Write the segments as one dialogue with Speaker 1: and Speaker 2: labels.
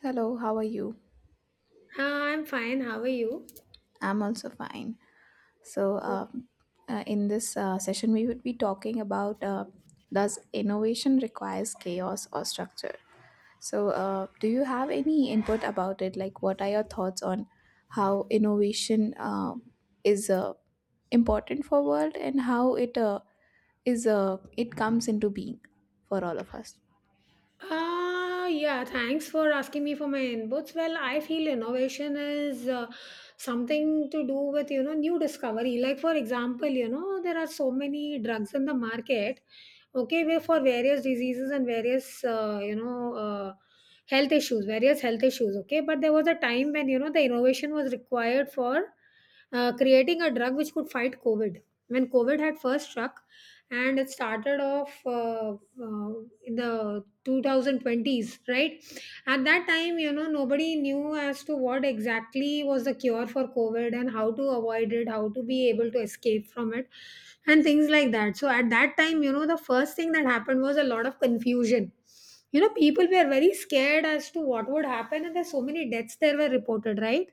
Speaker 1: Hello, how are you?
Speaker 2: I'm fine. How are you?
Speaker 1: I'm also fine. So, um, in this session, we would be talking about does innovation requires chaos or structure? So, do you have any input about it? Like, what are your thoughts on how innovation is important for world and how it is it comes into being for all of us?
Speaker 2: Yeah, thanks for asking me for my inputs. Well, I feel innovation is something to do with, you know, new discovery. Like, for example, you know, there are so many drugs in the market, okay, where for various diseases and various, health issues, various health issues, okay. But there was a time when, you know, the innovation was required for creating a drug which could fight COVID. When COVID had first struck, and it started off in the 2020s, right? At that time, you know, nobody knew as to what exactly was the cure for COVID and how to avoid it, how to be able to escape from it and things like that. So at that time, you know, the first thing that happened was a lot of confusion. You know, people were very scared as to what would happen, and there's so many deaths there were reported, right?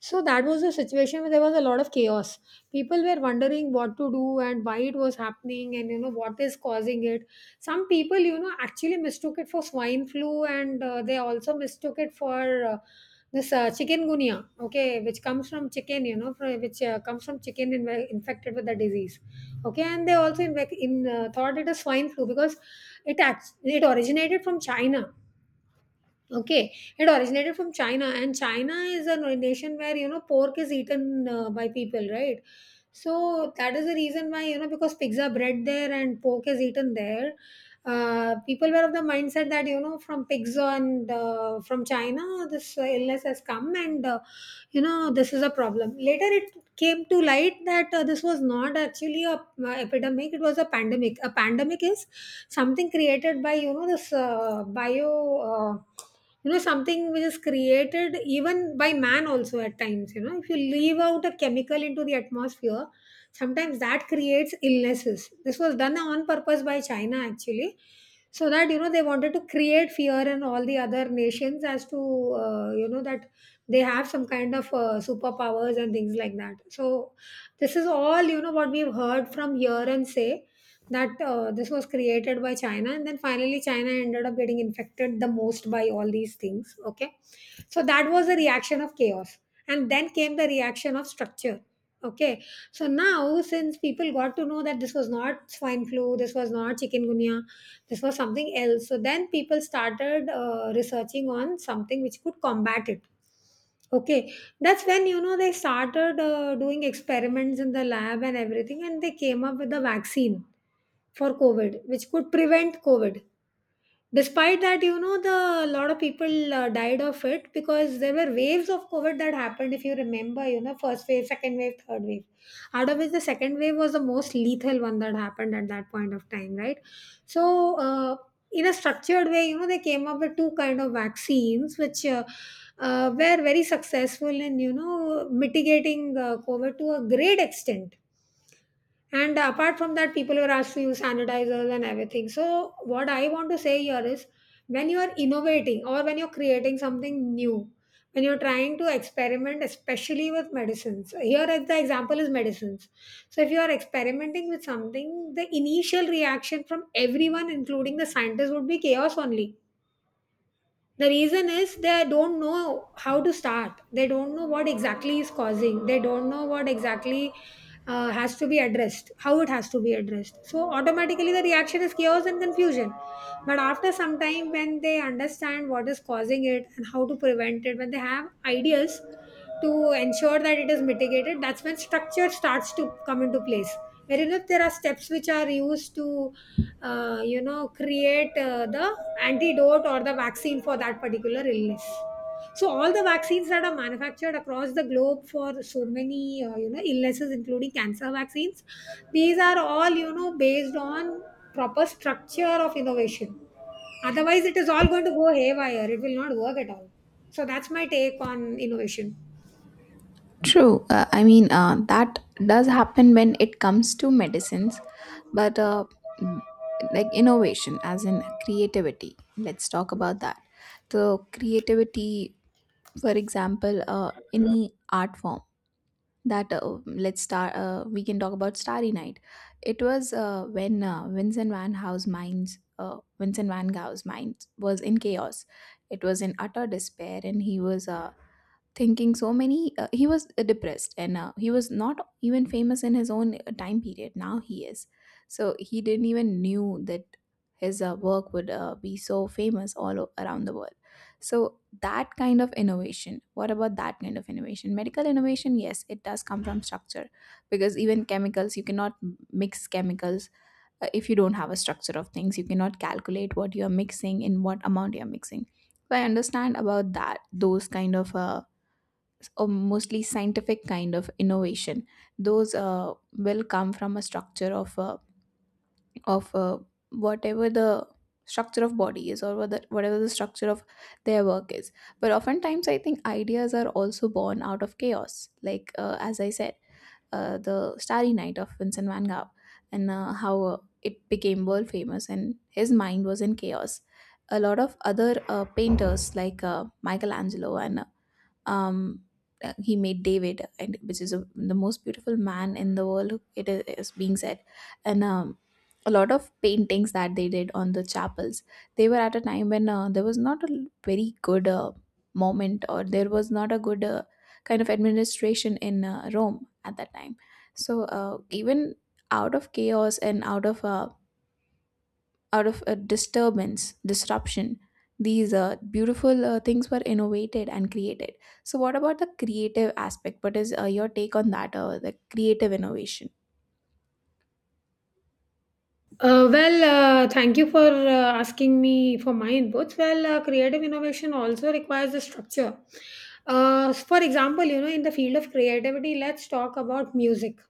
Speaker 2: So that was a situation where there was a lot of chaos. People were wondering what to do and why it was happening and, you know, what is causing it. Some people, you know, actually mistook it for swine flu, and they also mistook it for uh, this chikungunya, okay, which comes from chicken, you know, from, which comes from chicken infected with the disease, okay. And they also in thought it is swine flu because it originated from China. Okay, it originated from China, and China is a nation where, you know, pork is eaten by people, right? So that is the reason why, you know, because pigs are bred there and pork is eaten there. People were of the mindset that, you know, from pigs on from China this illness has come, and you know, this is a problem. Later it came to light that this was not actually a epidemic, it was a pandemic. A pandemic is something created by, you know, this bio uh, you know, something which is created even by man also at times. You know, if you leave out a chemical into the atmosphere, sometimes that creates illnesses. This was done on purpose by China, actually. So that, you know, they wanted to create fear in all the other nations as to you know, that they have some kind of superpowers and things like that. So this is all, you know, what we've heard from here and say that this was created by China, and then finally China ended up getting infected the most by all these things, okay. So that was the reaction of chaos, and then came the reaction of structure, okay. So now, since people got to know that this was not swine flu, this was not chikungunya, this was something else, so then people started researching on something which could combat it. Okay, that's when, you know, they started doing experiments in the lab and everything, and they came up with a vaccine for COVID, which could prevent COVID. Despite that, you know, the lot of people died of it because there were waves of COVID that happened. If you remember, you know, first wave, second wave, third wave, out of which the second wave was the most lethal one that happened at that point of time, right? So in a structured way, you know, they came up with two kind of vaccines which were very successful in, you know, mitigating COVID to a great extent. And apart from that, people were asked to use sanitizers and everything. So, what I want to say here is when you are innovating or when you're creating something new, when you're trying to experiment, especially with medicines, here at the example is medicines. So, if you are experimenting with something, the initial reaction from everyone, including the scientists, would be chaos only. The reason is they don't know how to start. They don't know what exactly is causing. They don't know what exactly has to be addressed, how it has to be addressed. So automatically the reaction is chaos and confusion. But after some time, when they understand what is causing it and how to prevent it, when they have ideas to ensure that it is mitigated, that's when structure starts to come into place, wherein if there are steps which are used to you know, create the antidote or the vaccine for that particular illness. So all the vaccines that are manufactured across the globe for so many you know, illnesses, including cancer vaccines, these are all, you know, based on proper structure of innovation. Otherwise it is all going to go haywire, it will not work at all. So that's my take on innovation.
Speaker 1: True. I mean, that does happen when it comes to medicines, but m- like innovation, as in creativity. Let's talk about that. So, creativity, for example, any art form that let's start. We can talk about Starry Night. It was when Vincent Van Gogh's mind was in chaos. It was in utter despair, and he was thinking so many he was depressed and he was not even famous in his own time period. Now he is, so he didn't even knew that his work would be so famous all around the world. So that kind of innovation, what about that kind of innovation? Medical innovation, yes, it does come from structure, because even chemicals, you cannot mix chemicals if you don't have a structure of things. You cannot calculate what you're mixing, in what amount you're mixing. So I understand about that. Those kind of or mostly scientific kind of innovation, those will come from a structure of of uh, whatever. The structure of body is or whether, whatever the structure of their work is. But oftentimes I think ideas are also born out of chaos. Like as I said, the Starry Night of Vincent Van Gogh and how it became world famous, and his mind was in chaos. A lot of other painters like Michelangelo and um, he made David, and which is, a, the most beautiful man in the world, it is being said. And a lot of paintings that they did on the chapels. They were at a time when there was not a l- very good moment, or there was not a good kind of administration in Rome at that time. So even out of chaos and out of a disturbance, disruption, these beautiful things were innovated and created. So, what about the creative aspect? What is your take on that? The creative innovation?
Speaker 2: Thank you for asking me for my inputs. Well, creative innovation also requires a structure. For example, you know, in the field of creativity, let's talk about music.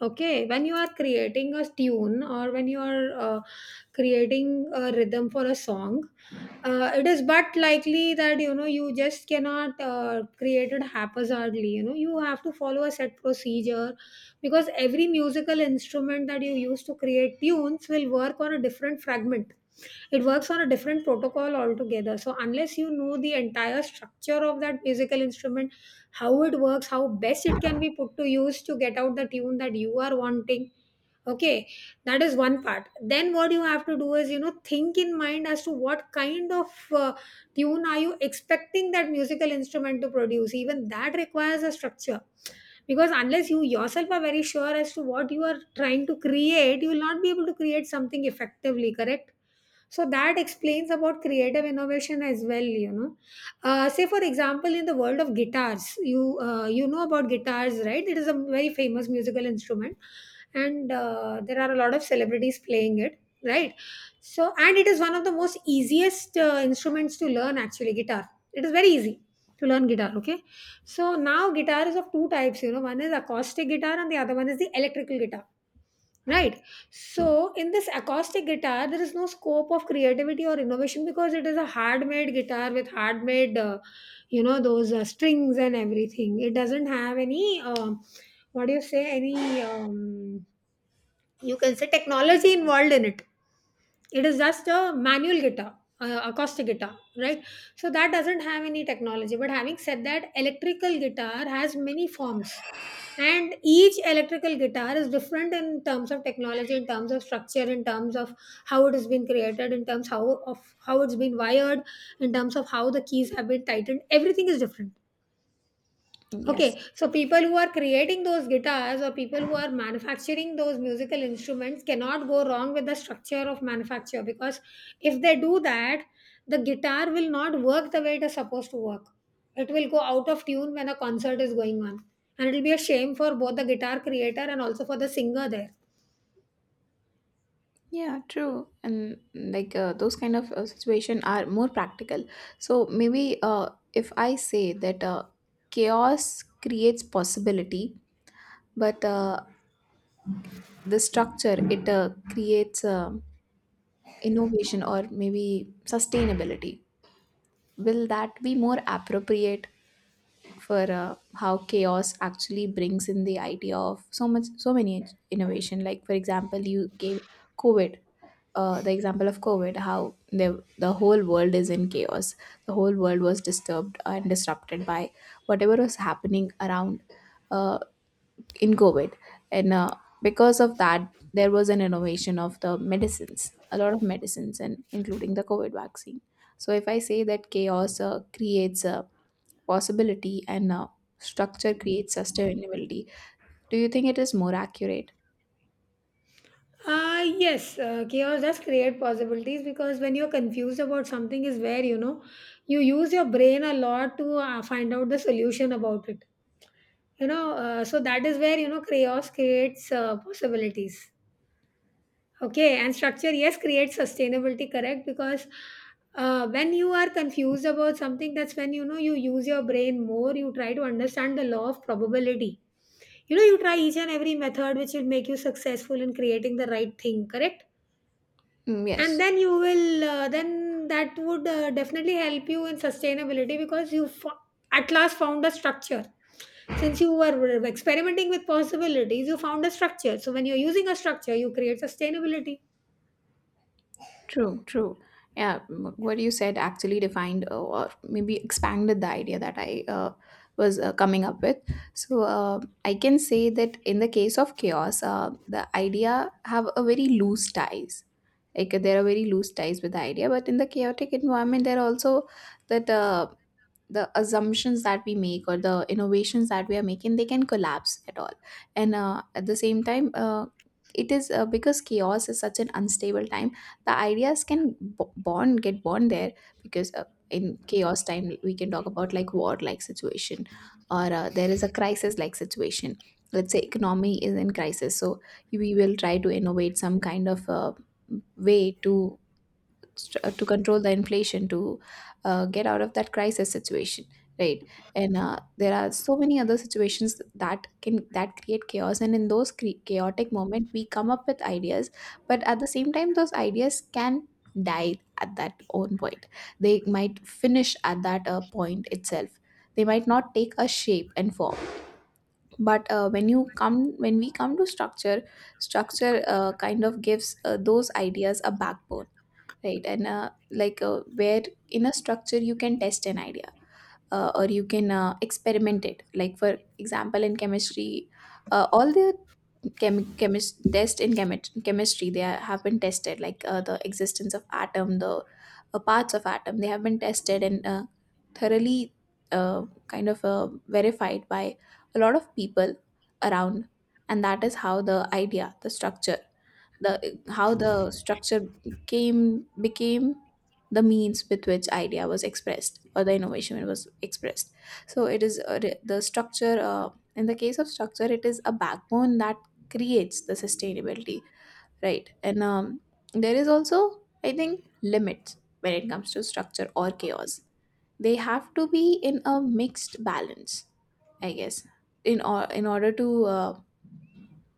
Speaker 2: Okay, when you are creating a tune or when you are creating a rhythm for a song, it is but likely that, you know, you just cannot create it haphazardly. You know, you have to follow a set procedure because every musical instrument that you use to create tunes will work on a different fragment. It works on a different protocol altogether. So unless you know the entire structure of that musical instrument, how it works, how best it can be put to use to get out the tune that you are wanting, okay, that is one part. Then what you have to do is, you know, think in mind as to what kind of uh, tune are you expecting that musical instrument to produce. Even that requires a structure, because unless you yourself are very sure as to what you are trying to create, you will not be able to create something effectively, correct? So that explains about creative innovation as well, you know. Say for example, in the world of guitars, you you know about guitars, right? It is a very famous musical instrument, and there are a lot of celebrities playing it, right? So, and it is one of the most easiest instruments to learn. Actually, guitar, it is very easy to learn guitar, okay. So now guitar is of two types, you know. One is acoustic guitar and the other one is the electrical guitar. Right. So in this acoustic guitar, there is no scope of creativity or innovation because it is a hard-made guitar with hard-made, you know, those strings and everything. It doesn't have any, what do you say, any, you can say, technology involved in it. It is just a manual guitar, acoustic guitar, right? So that doesn't have any technology. But having said that, electrical guitar has many forms, and each electrical guitar is different in terms of technology, in terms of structure, in terms of how it has been created, in terms how of how it's been wired, in terms of how the keys have been tightened. Everything is different.
Speaker 1: Yes.
Speaker 2: Okay, so people who are creating those guitars or people who are manufacturing those musical instruments cannot go wrong with the structure of manufacture, because if they do that, the guitar will not work the way it is supposed to work. It will go out of tune when a concert is going on. And it will be a shame for both the guitar creator and also for the singer there.
Speaker 1: Yeah, true. And like those kind of situation are more practical. So maybe if I say that chaos creates possibility, but the structure, it creates innovation, or maybe sustainability. Will that be more appropriate for how chaos actually brings in the idea of so much, so many innovation? Like for example, you gave COVID, the example of COVID, how the whole world is in chaos, the whole world was disturbed and disrupted by whatever was happening around uh, in COVID, and because of that, there was an innovation of the medicines, a lot of medicines, and including the COVID vaccine. So if I say that chaos creates a possibility and structure creates sustainability, do you think it is more accurate?
Speaker 2: Yes, chaos does create possibilities, because when you're confused about something, is where, you know, you use your brain a lot to find out the solution about it. You know, so that is where, you know, chaos creates possibilities, okay. And structure, yes, creates sustainability, correct, because when you are confused about something, that's when, you know, you use your brain more. You try to understand the law of probability. You know, you try each and every method which will make you successful in creating the right thing, correct.
Speaker 1: Mm,
Speaker 2: And
Speaker 1: yes.
Speaker 2: then you will then that would definitely help you in sustainability, because you at last found a structure. Since you were experimenting with possibilities, you found a structure. So when you're using a structure, you create sustainability.
Speaker 1: True, true. Yeah, what you said actually defined or maybe expanded the idea that I was coming up with. So I can say that in the case of chaos, the idea have a very loose ties. Like there are very loose ties with the idea, but in the chaotic environment, there are also that. The assumptions that we make, or the innovations that we are making, they can collapse at all, and at the same time it is because chaos is such an unstable time, the ideas can b- born get born there. Because in chaos time, we can talk about like war like situation, or there is a crisis like situation. Let's say economy is in crisis, so we will try to innovate some kind of way to to control the inflation, to get out of that crisis situation, right? And there are so many other situations that can that create chaos, and in those chaotic moment we come up with ideas. But at the same time, those ideas can die at that own point. They might finish at that point itself. They might not take a shape and form. But when we come to structure, structure kind of gives those ideas a backbone, right? And where in a structure you can test an idea, or you can experiment it. Like for example, in chemistry, all the chemist test in chemistry, they are, have been tested. Like the existence of atom, the parts of atom, they have been tested and thoroughly kind of verified by a lot of people around. And that is how the idea the structure the how the structure came became the means with which idea was expressed, or the innovation was expressed. So it is a the structure in the case of structure, it is a backbone that creates the sustainability, right? And there is also, I think, limits when it comes to structure or chaos. They have to be in a mixed balance, I guess, in order to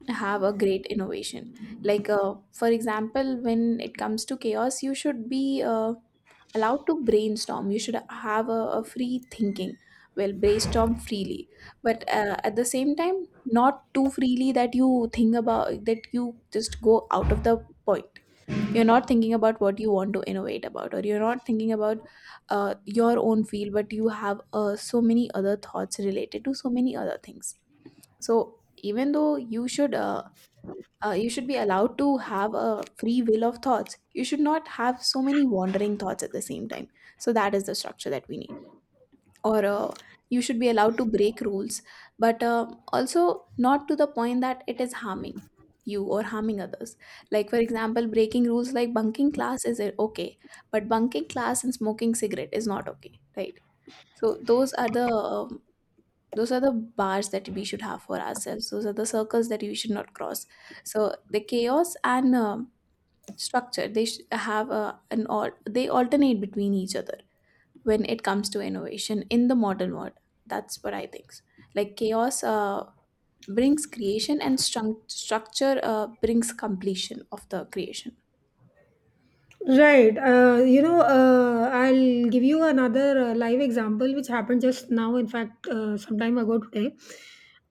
Speaker 1: have a great innovation. Like for example, when it comes to chaos, you should be allowed to brainstorm. You should have a free thinking, well, brainstorm freely, but at the same time not too freely that you think about that you just go out of the point. You're not thinking about what you want to innovate about, or you're not thinking about your own field, but you have so many other thoughts related to so many other things. So even though you should be allowed to have a free will of thoughts, you should not have so many wandering thoughts at the same time. So that is the structure that we need. Or you should be allowed to break rules, but also not to the point that it is harming you or harming others. Like for example, breaking rules like bunking class is okay, but bunking class and smoking cigarette is not okay, right? So those are the bars that we should have for ourselves, those are the circles that we should not cross. So the chaos and structure, they sh- have a, an all they alternate between each other when it comes to innovation in the modern world. That's what I think. Like chaos brings creation, and strung structure brings completion of the creation.
Speaker 2: Right. I'll give you another live example which happened just now, in fact, some time ago today.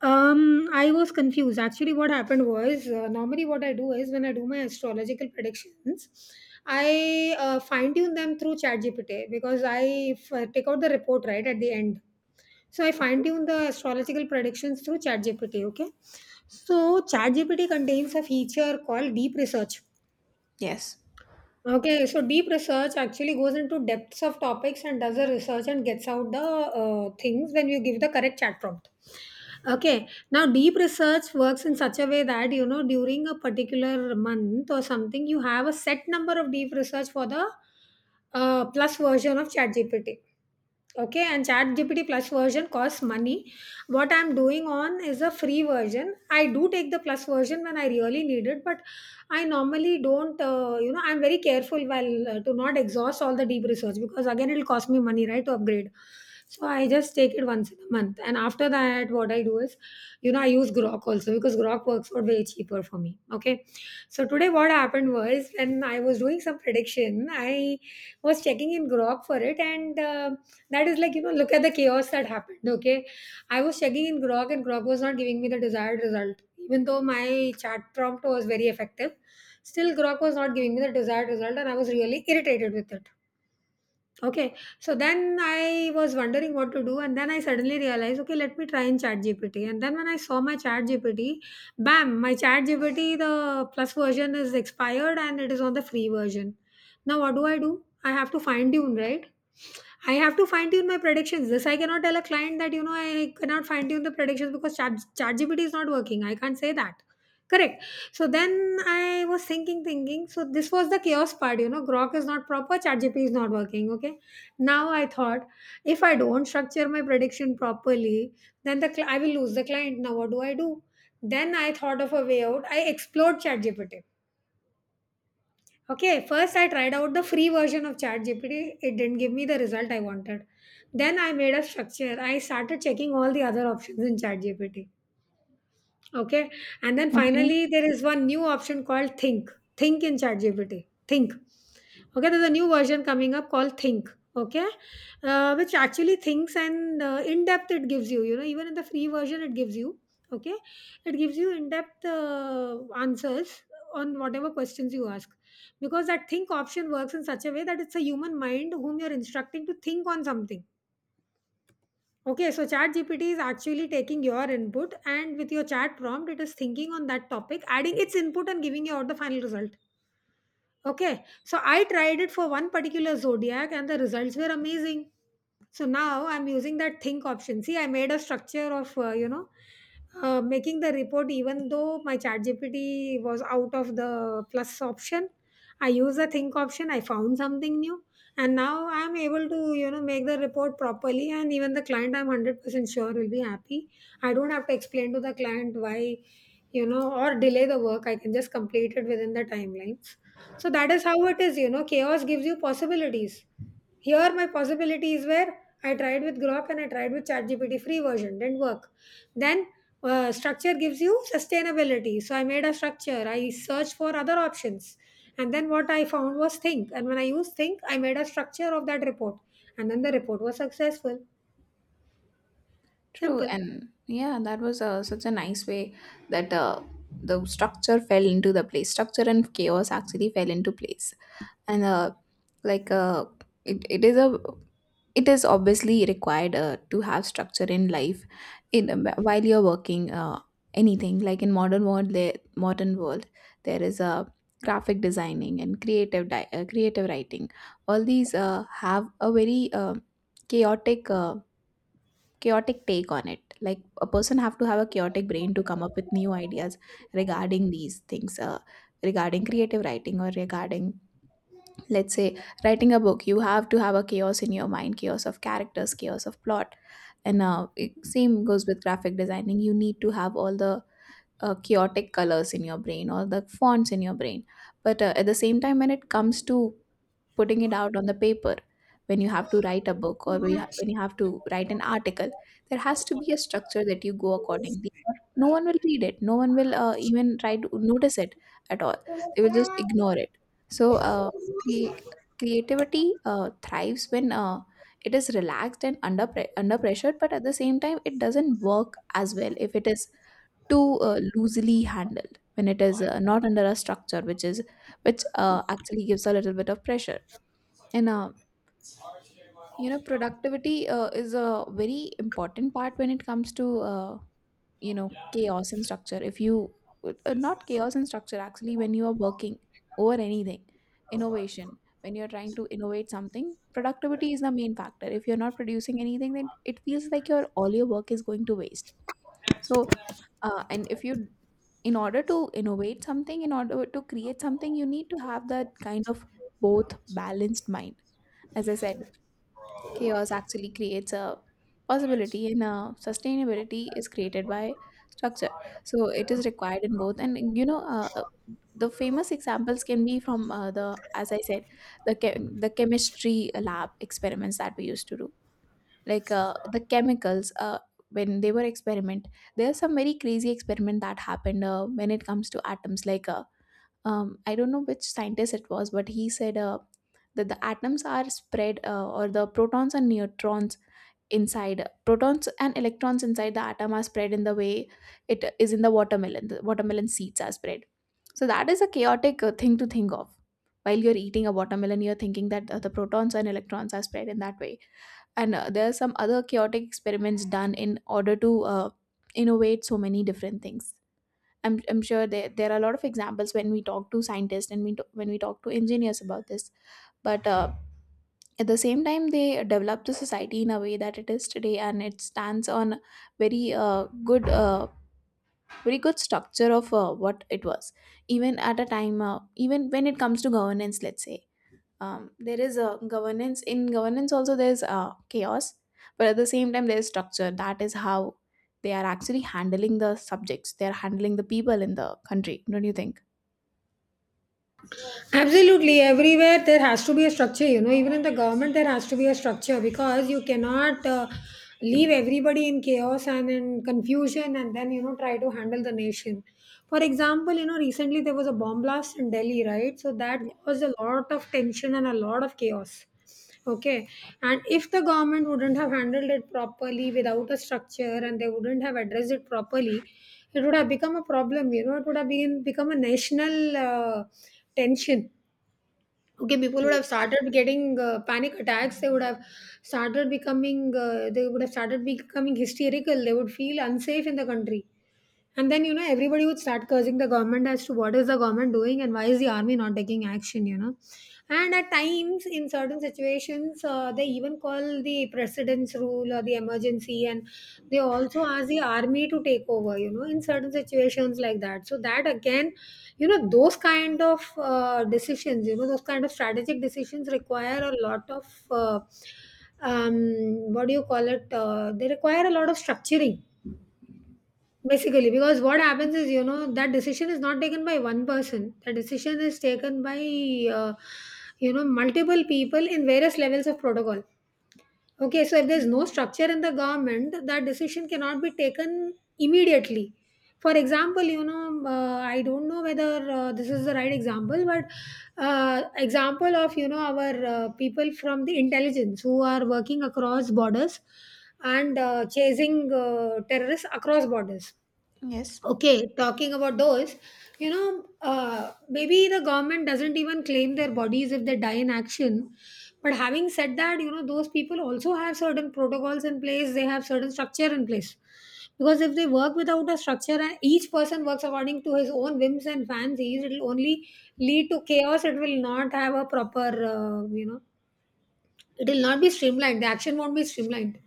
Speaker 2: I was confused. Actually, what happened was normally what I do is when I do my astrological predictions, I fine tune them through ChatGPT because I take out the report right at the end. So I fine tune the astrological predictions through ChatGPT. Okay. So ChatGPT contains a feature called deep research.
Speaker 1: Yes.
Speaker 2: Okay, so deep research actually goes into depths of topics and does the research and gets out the things when you give the correct chat prompt. Okay, now deep research works in such a way that, you know, during a particular month or something, you have a set number of deep research for the plus version of ChatGPT. Okay, and chat gpt plus version costs money. What I'm doing on is a free version. I do take the plus version when I really need it, but I normally don't. You know, I'm very careful while to not exhaust all the deep research, because again it'll cost me money, right, to upgrade. So I just take it once in a month, and after that what I do is, you know, I use Grok also, because Grok works out way cheaper for me. Okay, so today what happened was, when I was doing some prediction, I was checking in Grok for it, and that is like, you know, look at the chaos that happened, okay? I was checking in Grok, and Grok was not giving me the desired result. Even though my chat prompt was very effective, still Grok was not giving me the desired result, and I was really irritated with it. Okay, so then I was wondering what to do, and then I suddenly realized, okay, let me try in Chat GPT. And then when I saw my Chat GPT, bam, my Chat GPT the plus version is expired and it is on the free version. Now, what do? I have to fine tune, right? I have to fine tune my predictions. This I cannot tell a client that, you know, I cannot fine tune the predictions because ChatGPT is not working. I can't say that. Correct. So then I was thinking. So this was the chaos part. You know, Grok is not proper. ChatGPT is not working. Okay. Now I thought, if I don't structure my prediction properly, then I will lose the client. Now what do I do? Then I thought of a way out. I explored ChatGPT. Okay, first I tried out the free version of ChatGPT. It didn't give me the result I wanted. Then I made a structure. I started checking all the other options in ChatGPT. Okay, and then
Speaker 1: Okay.
Speaker 2: finally there is one new option called Think. Think in ChatGPT. Think. Okay, there's a new version coming up called Think. Okay, which actually thinks, and in depth it gives you. You know, even in the free version it gives you. Okay, it gives you in depth answers on whatever questions you ask, because that think option works in such a way that it's a human mind whom you're instructing to think on something. Okay, so chat gpt is actually taking your input, and with your chat prompt it is thinking on that topic, adding its input and giving you out the final result. Okay, so I tried it for one particular zodiac and the results were amazing. So now I'm using that think option. See, I made a structure of, you know, making the report even though my Chat GPT was out of the plus option. I use the think option, I found something new, and now I'm able to, you know, make the report properly. And even the client, I'm 100% sure, will be happy. I don't have to explain to the client why, you know, or delay the work. I can just complete it within the timelines. So that is how it is, you know, chaos gives you possibilities. Here, my possibilities were, I tried with Grok and I tried with ChatGPT free version, didn't work. Then structure gives you sustainability. So I made a structure, I searched for other options. And then what I found was think. And when I used think, I made a structure of that report. And then the report was successful.
Speaker 1: True,
Speaker 2: Simple.
Speaker 1: and yeah, that was such a nice way that the structure fell into the place. Structure and chaos actually fell into place, and like uh, it is a, it is obviously required to have structure in life, in while you're working anything. Like in modern world there is a graphic designing and creative creative writing. All these have a very chaotic uh, chaotic take on it. Like a person have to have a chaotic brain to come up with new ideas regarding these things, regarding creative writing, or regarding, let's say, writing a book. You have to have a chaos in your mind, chaos of characters, chaos of plot, and same goes with graphic designing. You need to have all the chaotic colors in your brain, or the fonts in your brain. But at the same time, when it comes to putting it out on the paper, when you have to write a book, or when you have to write an article, there has to be a structure that you go accordingly, or no one will read it, no one will even try to notice it at all, they will just ignore it. So crea- creativity thrives when it is relaxed and under under pressure, but at the same time, it doesn't work as well if it is too loosely handled, when it is not under a structure which is, which actually gives a little bit of pressure. And you know, productivity is a very important part when it comes to you know, chaos and structure. If you not chaos and structure, actually, when you are working over anything, innovation. When you're trying to innovate something, productivity is the main factor. If you're not producing anything, then it feels like your all your work is going to waste. So, and if you, In order to innovate something, in order to create something, you need to have that kind of both balanced mind, as I said, chaos actually creates a possibility, and sustainability is created by structure, so it is required in both. And you know The famous examples can be from the, as I said, the chemistry lab experiments that we used to do, like the chemicals. When they were experiment, there's some very crazy experiment that happened when it comes to atoms, like I don't know which scientist it was, but he said that the atoms are spread, or the protons and neutrons inside, protons and electrons inside the atom are spread in the way it is in the watermelon. The watermelon seeds are spread. So that is a chaotic thing to think of. While you're eating a watermelon, you're thinking that the protons and electrons are spread in that way. And there are some other chaotic experiments done in order to innovate so many different things. I'm sure there are a lot of examples when we talk to scientists and when we talk to engineers about this. But at the same time, they developed the society in a way that it is today, and it stands on very good, very good structure of what it was. Even at a time, even when it comes to governance, let's say, there is a governance. In governance, also there's chaos, but at the same time, there's structure. That is how they are actually handling the subjects. They are handling the people in the country. Don't you think?
Speaker 2: Absolutely, everywhere there has to be a structure. You know, even in the government, there has to be a structure, because you cannot leave everybody in chaos and in confusion and then, you know, try to handle the nation. For example, you know, recently there was a bomb blast in Delhi, right? So that
Speaker 1: Yeah.
Speaker 2: caused a lot of tension and a lot of chaos. Okay. And if the government wouldn't have handled it properly without a structure, and they wouldn't have addressed it properly, it would have become a problem. You know, it would have been, become a national tension. Okay, people
Speaker 1: Yeah.
Speaker 2: would have started getting panic attacks. They would have started becoming, they would have started becoming hysterical. They would feel unsafe in the country. And then, you know, everybody would start cursing the government as to what is the government doing and why is the army not taking action, you know. And at times, in certain situations, they even call the precedence rule or the emergency, and they also ask the army to take over, you know, in certain situations like that. So, that again, you know, those kind of decisions, you know, those kind of strategic decisions require a lot of, uh, um, what do you call it? They require a lot of structuring. Basically, because what happens is, you know, that decision is not taken by one person. The decision is taken by, uh, you know, multiple people in various levels of protocol. Okay, so if there's no structure in the government, that decision cannot be taken immediately. For example, you know, I don't know whether this is the right example, but example of, you know, our people from the intelligence who are working across borders and chasing terrorists across borders.
Speaker 1: Yes.
Speaker 2: Okay, talking about those, you know, maybe the government doesn't even claim their bodies if they die in action. But having said that, you know, those people also have certain protocols in place, they have certain structure in place. Because if they work without a structure and each person works according to his own whims and fancies, it will only lead to chaos. It will not have a proper, you know, it will not be streamlined. The action won't be streamlined,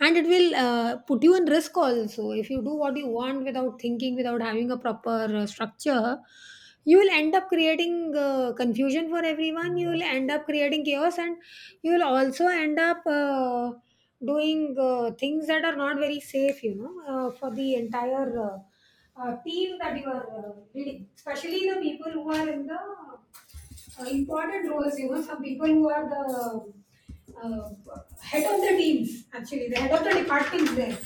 Speaker 2: and it will put you in risk also. If you do what you want without thinking, without having a proper structure, you will end up creating confusion for everyone, you will end up creating chaos, and you will also end up doing things that are not very safe, you know, for the entire team that you are leading, especially the people who are in the important roles, you know, some people who are the uh, head of the teams, actually, the head of the departments there.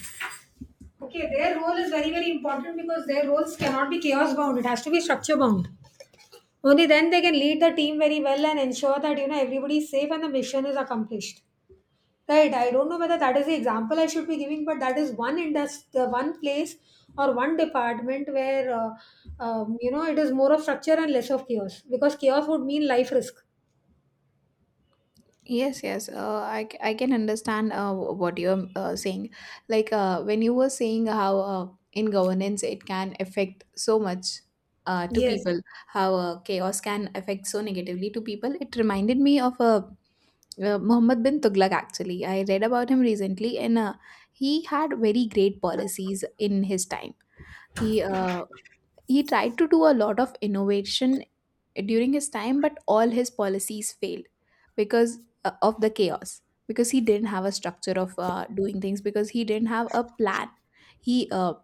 Speaker 2: Okay, their role is very, very important, because their roles cannot be chaos bound, it has to be structure bound. Only then they can lead the team very well and ensure that, you know, everybody is safe and the mission is accomplished. Right, I don't know whether that is the example I should be giving, but that is one industry, the one place or one department where, you know, it is more of structure and less of chaos, because chaos would mean life risk.
Speaker 1: Yes, yes. I can understand what you're saying. Like when you were saying how in governance it can affect so much to
Speaker 2: Yes.
Speaker 1: people, how chaos can affect so negatively to people, it reminded me of Muhammad bin Tughlaq, actually. I read about him recently, and he had very great policies in his time. He he tried to do a lot of innovation during his time, but all his policies failed because of the chaos, because he didn't have a structure of doing things, because he didn't have a plan. He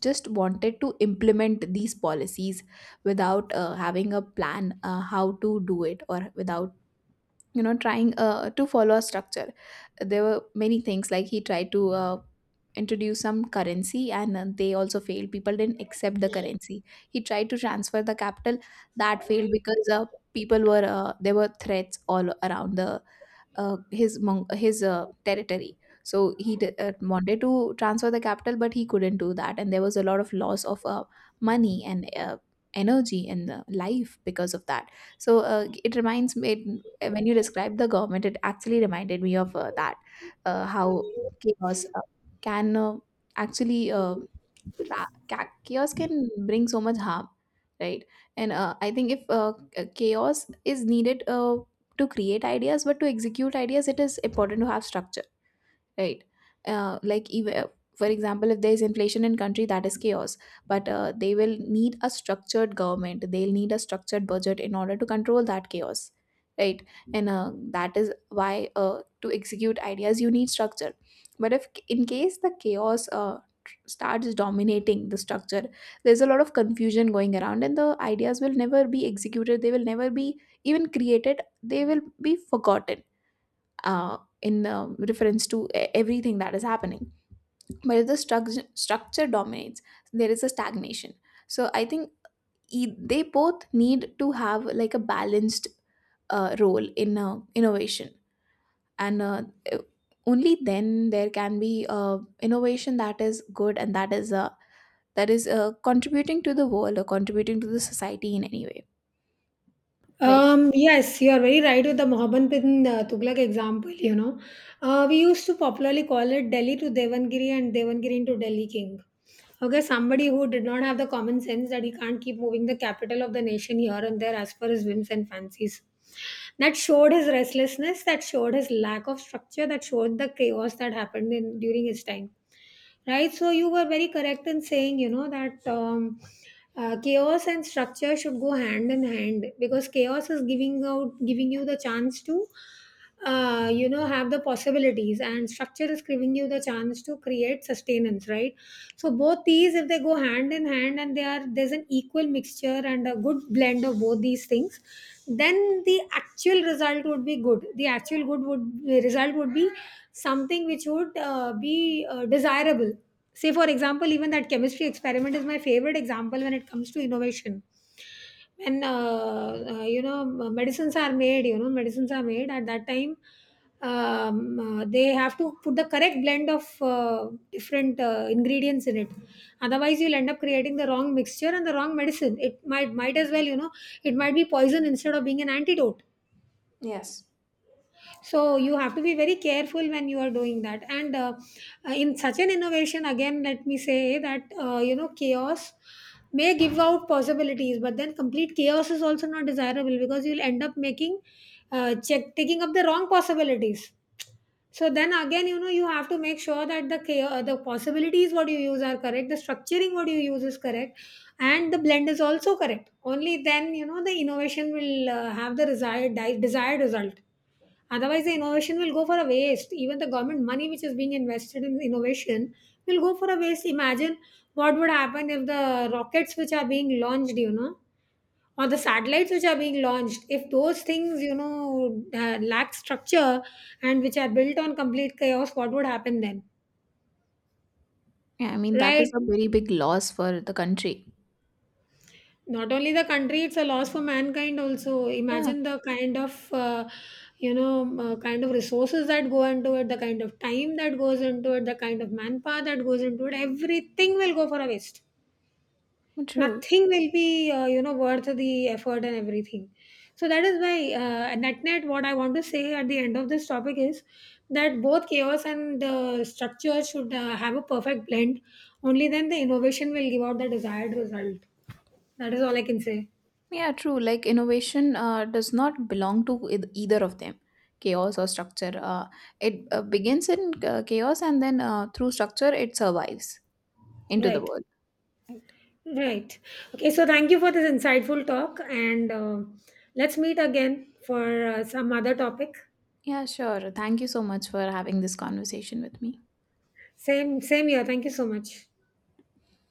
Speaker 1: just wanted to implement these policies without having a plan, how to do it, or without, you know, trying to follow a structure. There were many things, like he tried to introduce some currency, and they also failed, people didn't accept the currency. He tried to transfer the capital, that failed because people were, there were threats all around the his territory. So he did, wanted to transfer the capital, but he couldn't do that, and there was a lot of loss of money and energy and life because of that. So it reminds me, it, when you described the government, it actually reminded me of that, how chaos can actually chaos can bring so much harm, right? And I think if chaos is needed to create ideas, but to execute ideas it is important to have structure, right? uh, like ev- for example, if there is inflation in country, that is chaos, but they will need a structured government, they'll need a structured budget in order to control that chaos, right? And that is why, to execute ideas you need structure. But if in case the chaos starts dominating the structure, there's a lot of confusion going around, and the ideas will never be executed, they will never be even created, they will be forgotten in reference to everything that is happening. But if the structure dominates, there is a stagnation. So I think they both need to have like a balanced role in innovation, and uh, e-, only then there can be innovation that is good and that is contributing to the world or contributing to the society in any way, right?
Speaker 2: Yes, you are very right with the Mohammed bin Tughlaq example, you know. We used to popularly call it Delhi to Devangiri and Devangiri to Delhi King. Okay, somebody who did not have the common sense that he can't keep moving the capital of the nation here and there as per his whims and fancies. That showed his restlessness, that showed his lack of structure, that showed the chaos that happened in during his time. Right. So you were very correct in saying, you know, that chaos and structure should go hand in hand, because chaos is giving out, giving you the chance to, you know, have the possibilities, and structure is giving you the chance to create sustenance. Right. So both these, if they go hand in hand, and they are, there's an equal mixture and a good blend of both these things, then the actual result would be good. The actual good would result would be something which would be desirable. Say for example, even that chemistry experiment is my favorite example when it comes to innovation. When you know, medicines are made, you know, medicines are made at that time, they have to put the correct blend of different ingredients in it, otherwise you'll end up creating the wrong mixture and the wrong medicine. It might as well, you know, it might be poison instead of being an antidote.
Speaker 1: Yes.
Speaker 2: So you have to be very careful when you are doing that, and in such an innovation, again, let me say that, you know, chaos may give out possibilities, but then complete chaos is also not desirable, because you'll end up making check taking up the wrong possibilities. So then again, you know, you have to make sure that the possibilities what you use are correct, the structuring what you use is correct, and the blend is also correct. Only then, you know, the innovation will have the desired result. Otherwise, the innovation will go for a waste. Even the government money which is being invested in innovation will go for a waste. Imagine what would happen if the rockets which are being launched, you know, or the satellites which are being launched, if those things, you know, lack structure and which are built on complete chaos, what would happen then?
Speaker 1: Yeah, I mean that is
Speaker 2: Right,
Speaker 1: a very big loss for the country.
Speaker 2: not only the country, it's a loss for mankind also.
Speaker 1: Yeah,
Speaker 2: Imagine the kind of you know, kind of resources that go into it, the kind of time that goes into it, the kind of manpower that goes into it, everything will go for a waste.
Speaker 1: true.
Speaker 2: Nothing will be you know, worth the effort and everything. So that is why, net net, what I want to say at the end of this topic is that both chaos and structure should have a perfect blend. Only then the innovation will give out the desired result. That is all I can say.
Speaker 1: Yeah, true. Like innovation does not belong to either of them, chaos or structure. It begins in chaos, and then through structure it survives into the
Speaker 2: Right.
Speaker 1: world. Right.
Speaker 2: Right. Okay, so thank you for this insightful talk, and let's meet again for some other topic.
Speaker 1: Yeah, sure. Thank you so much for having this conversation with me.
Speaker 2: Same here, thank you so much.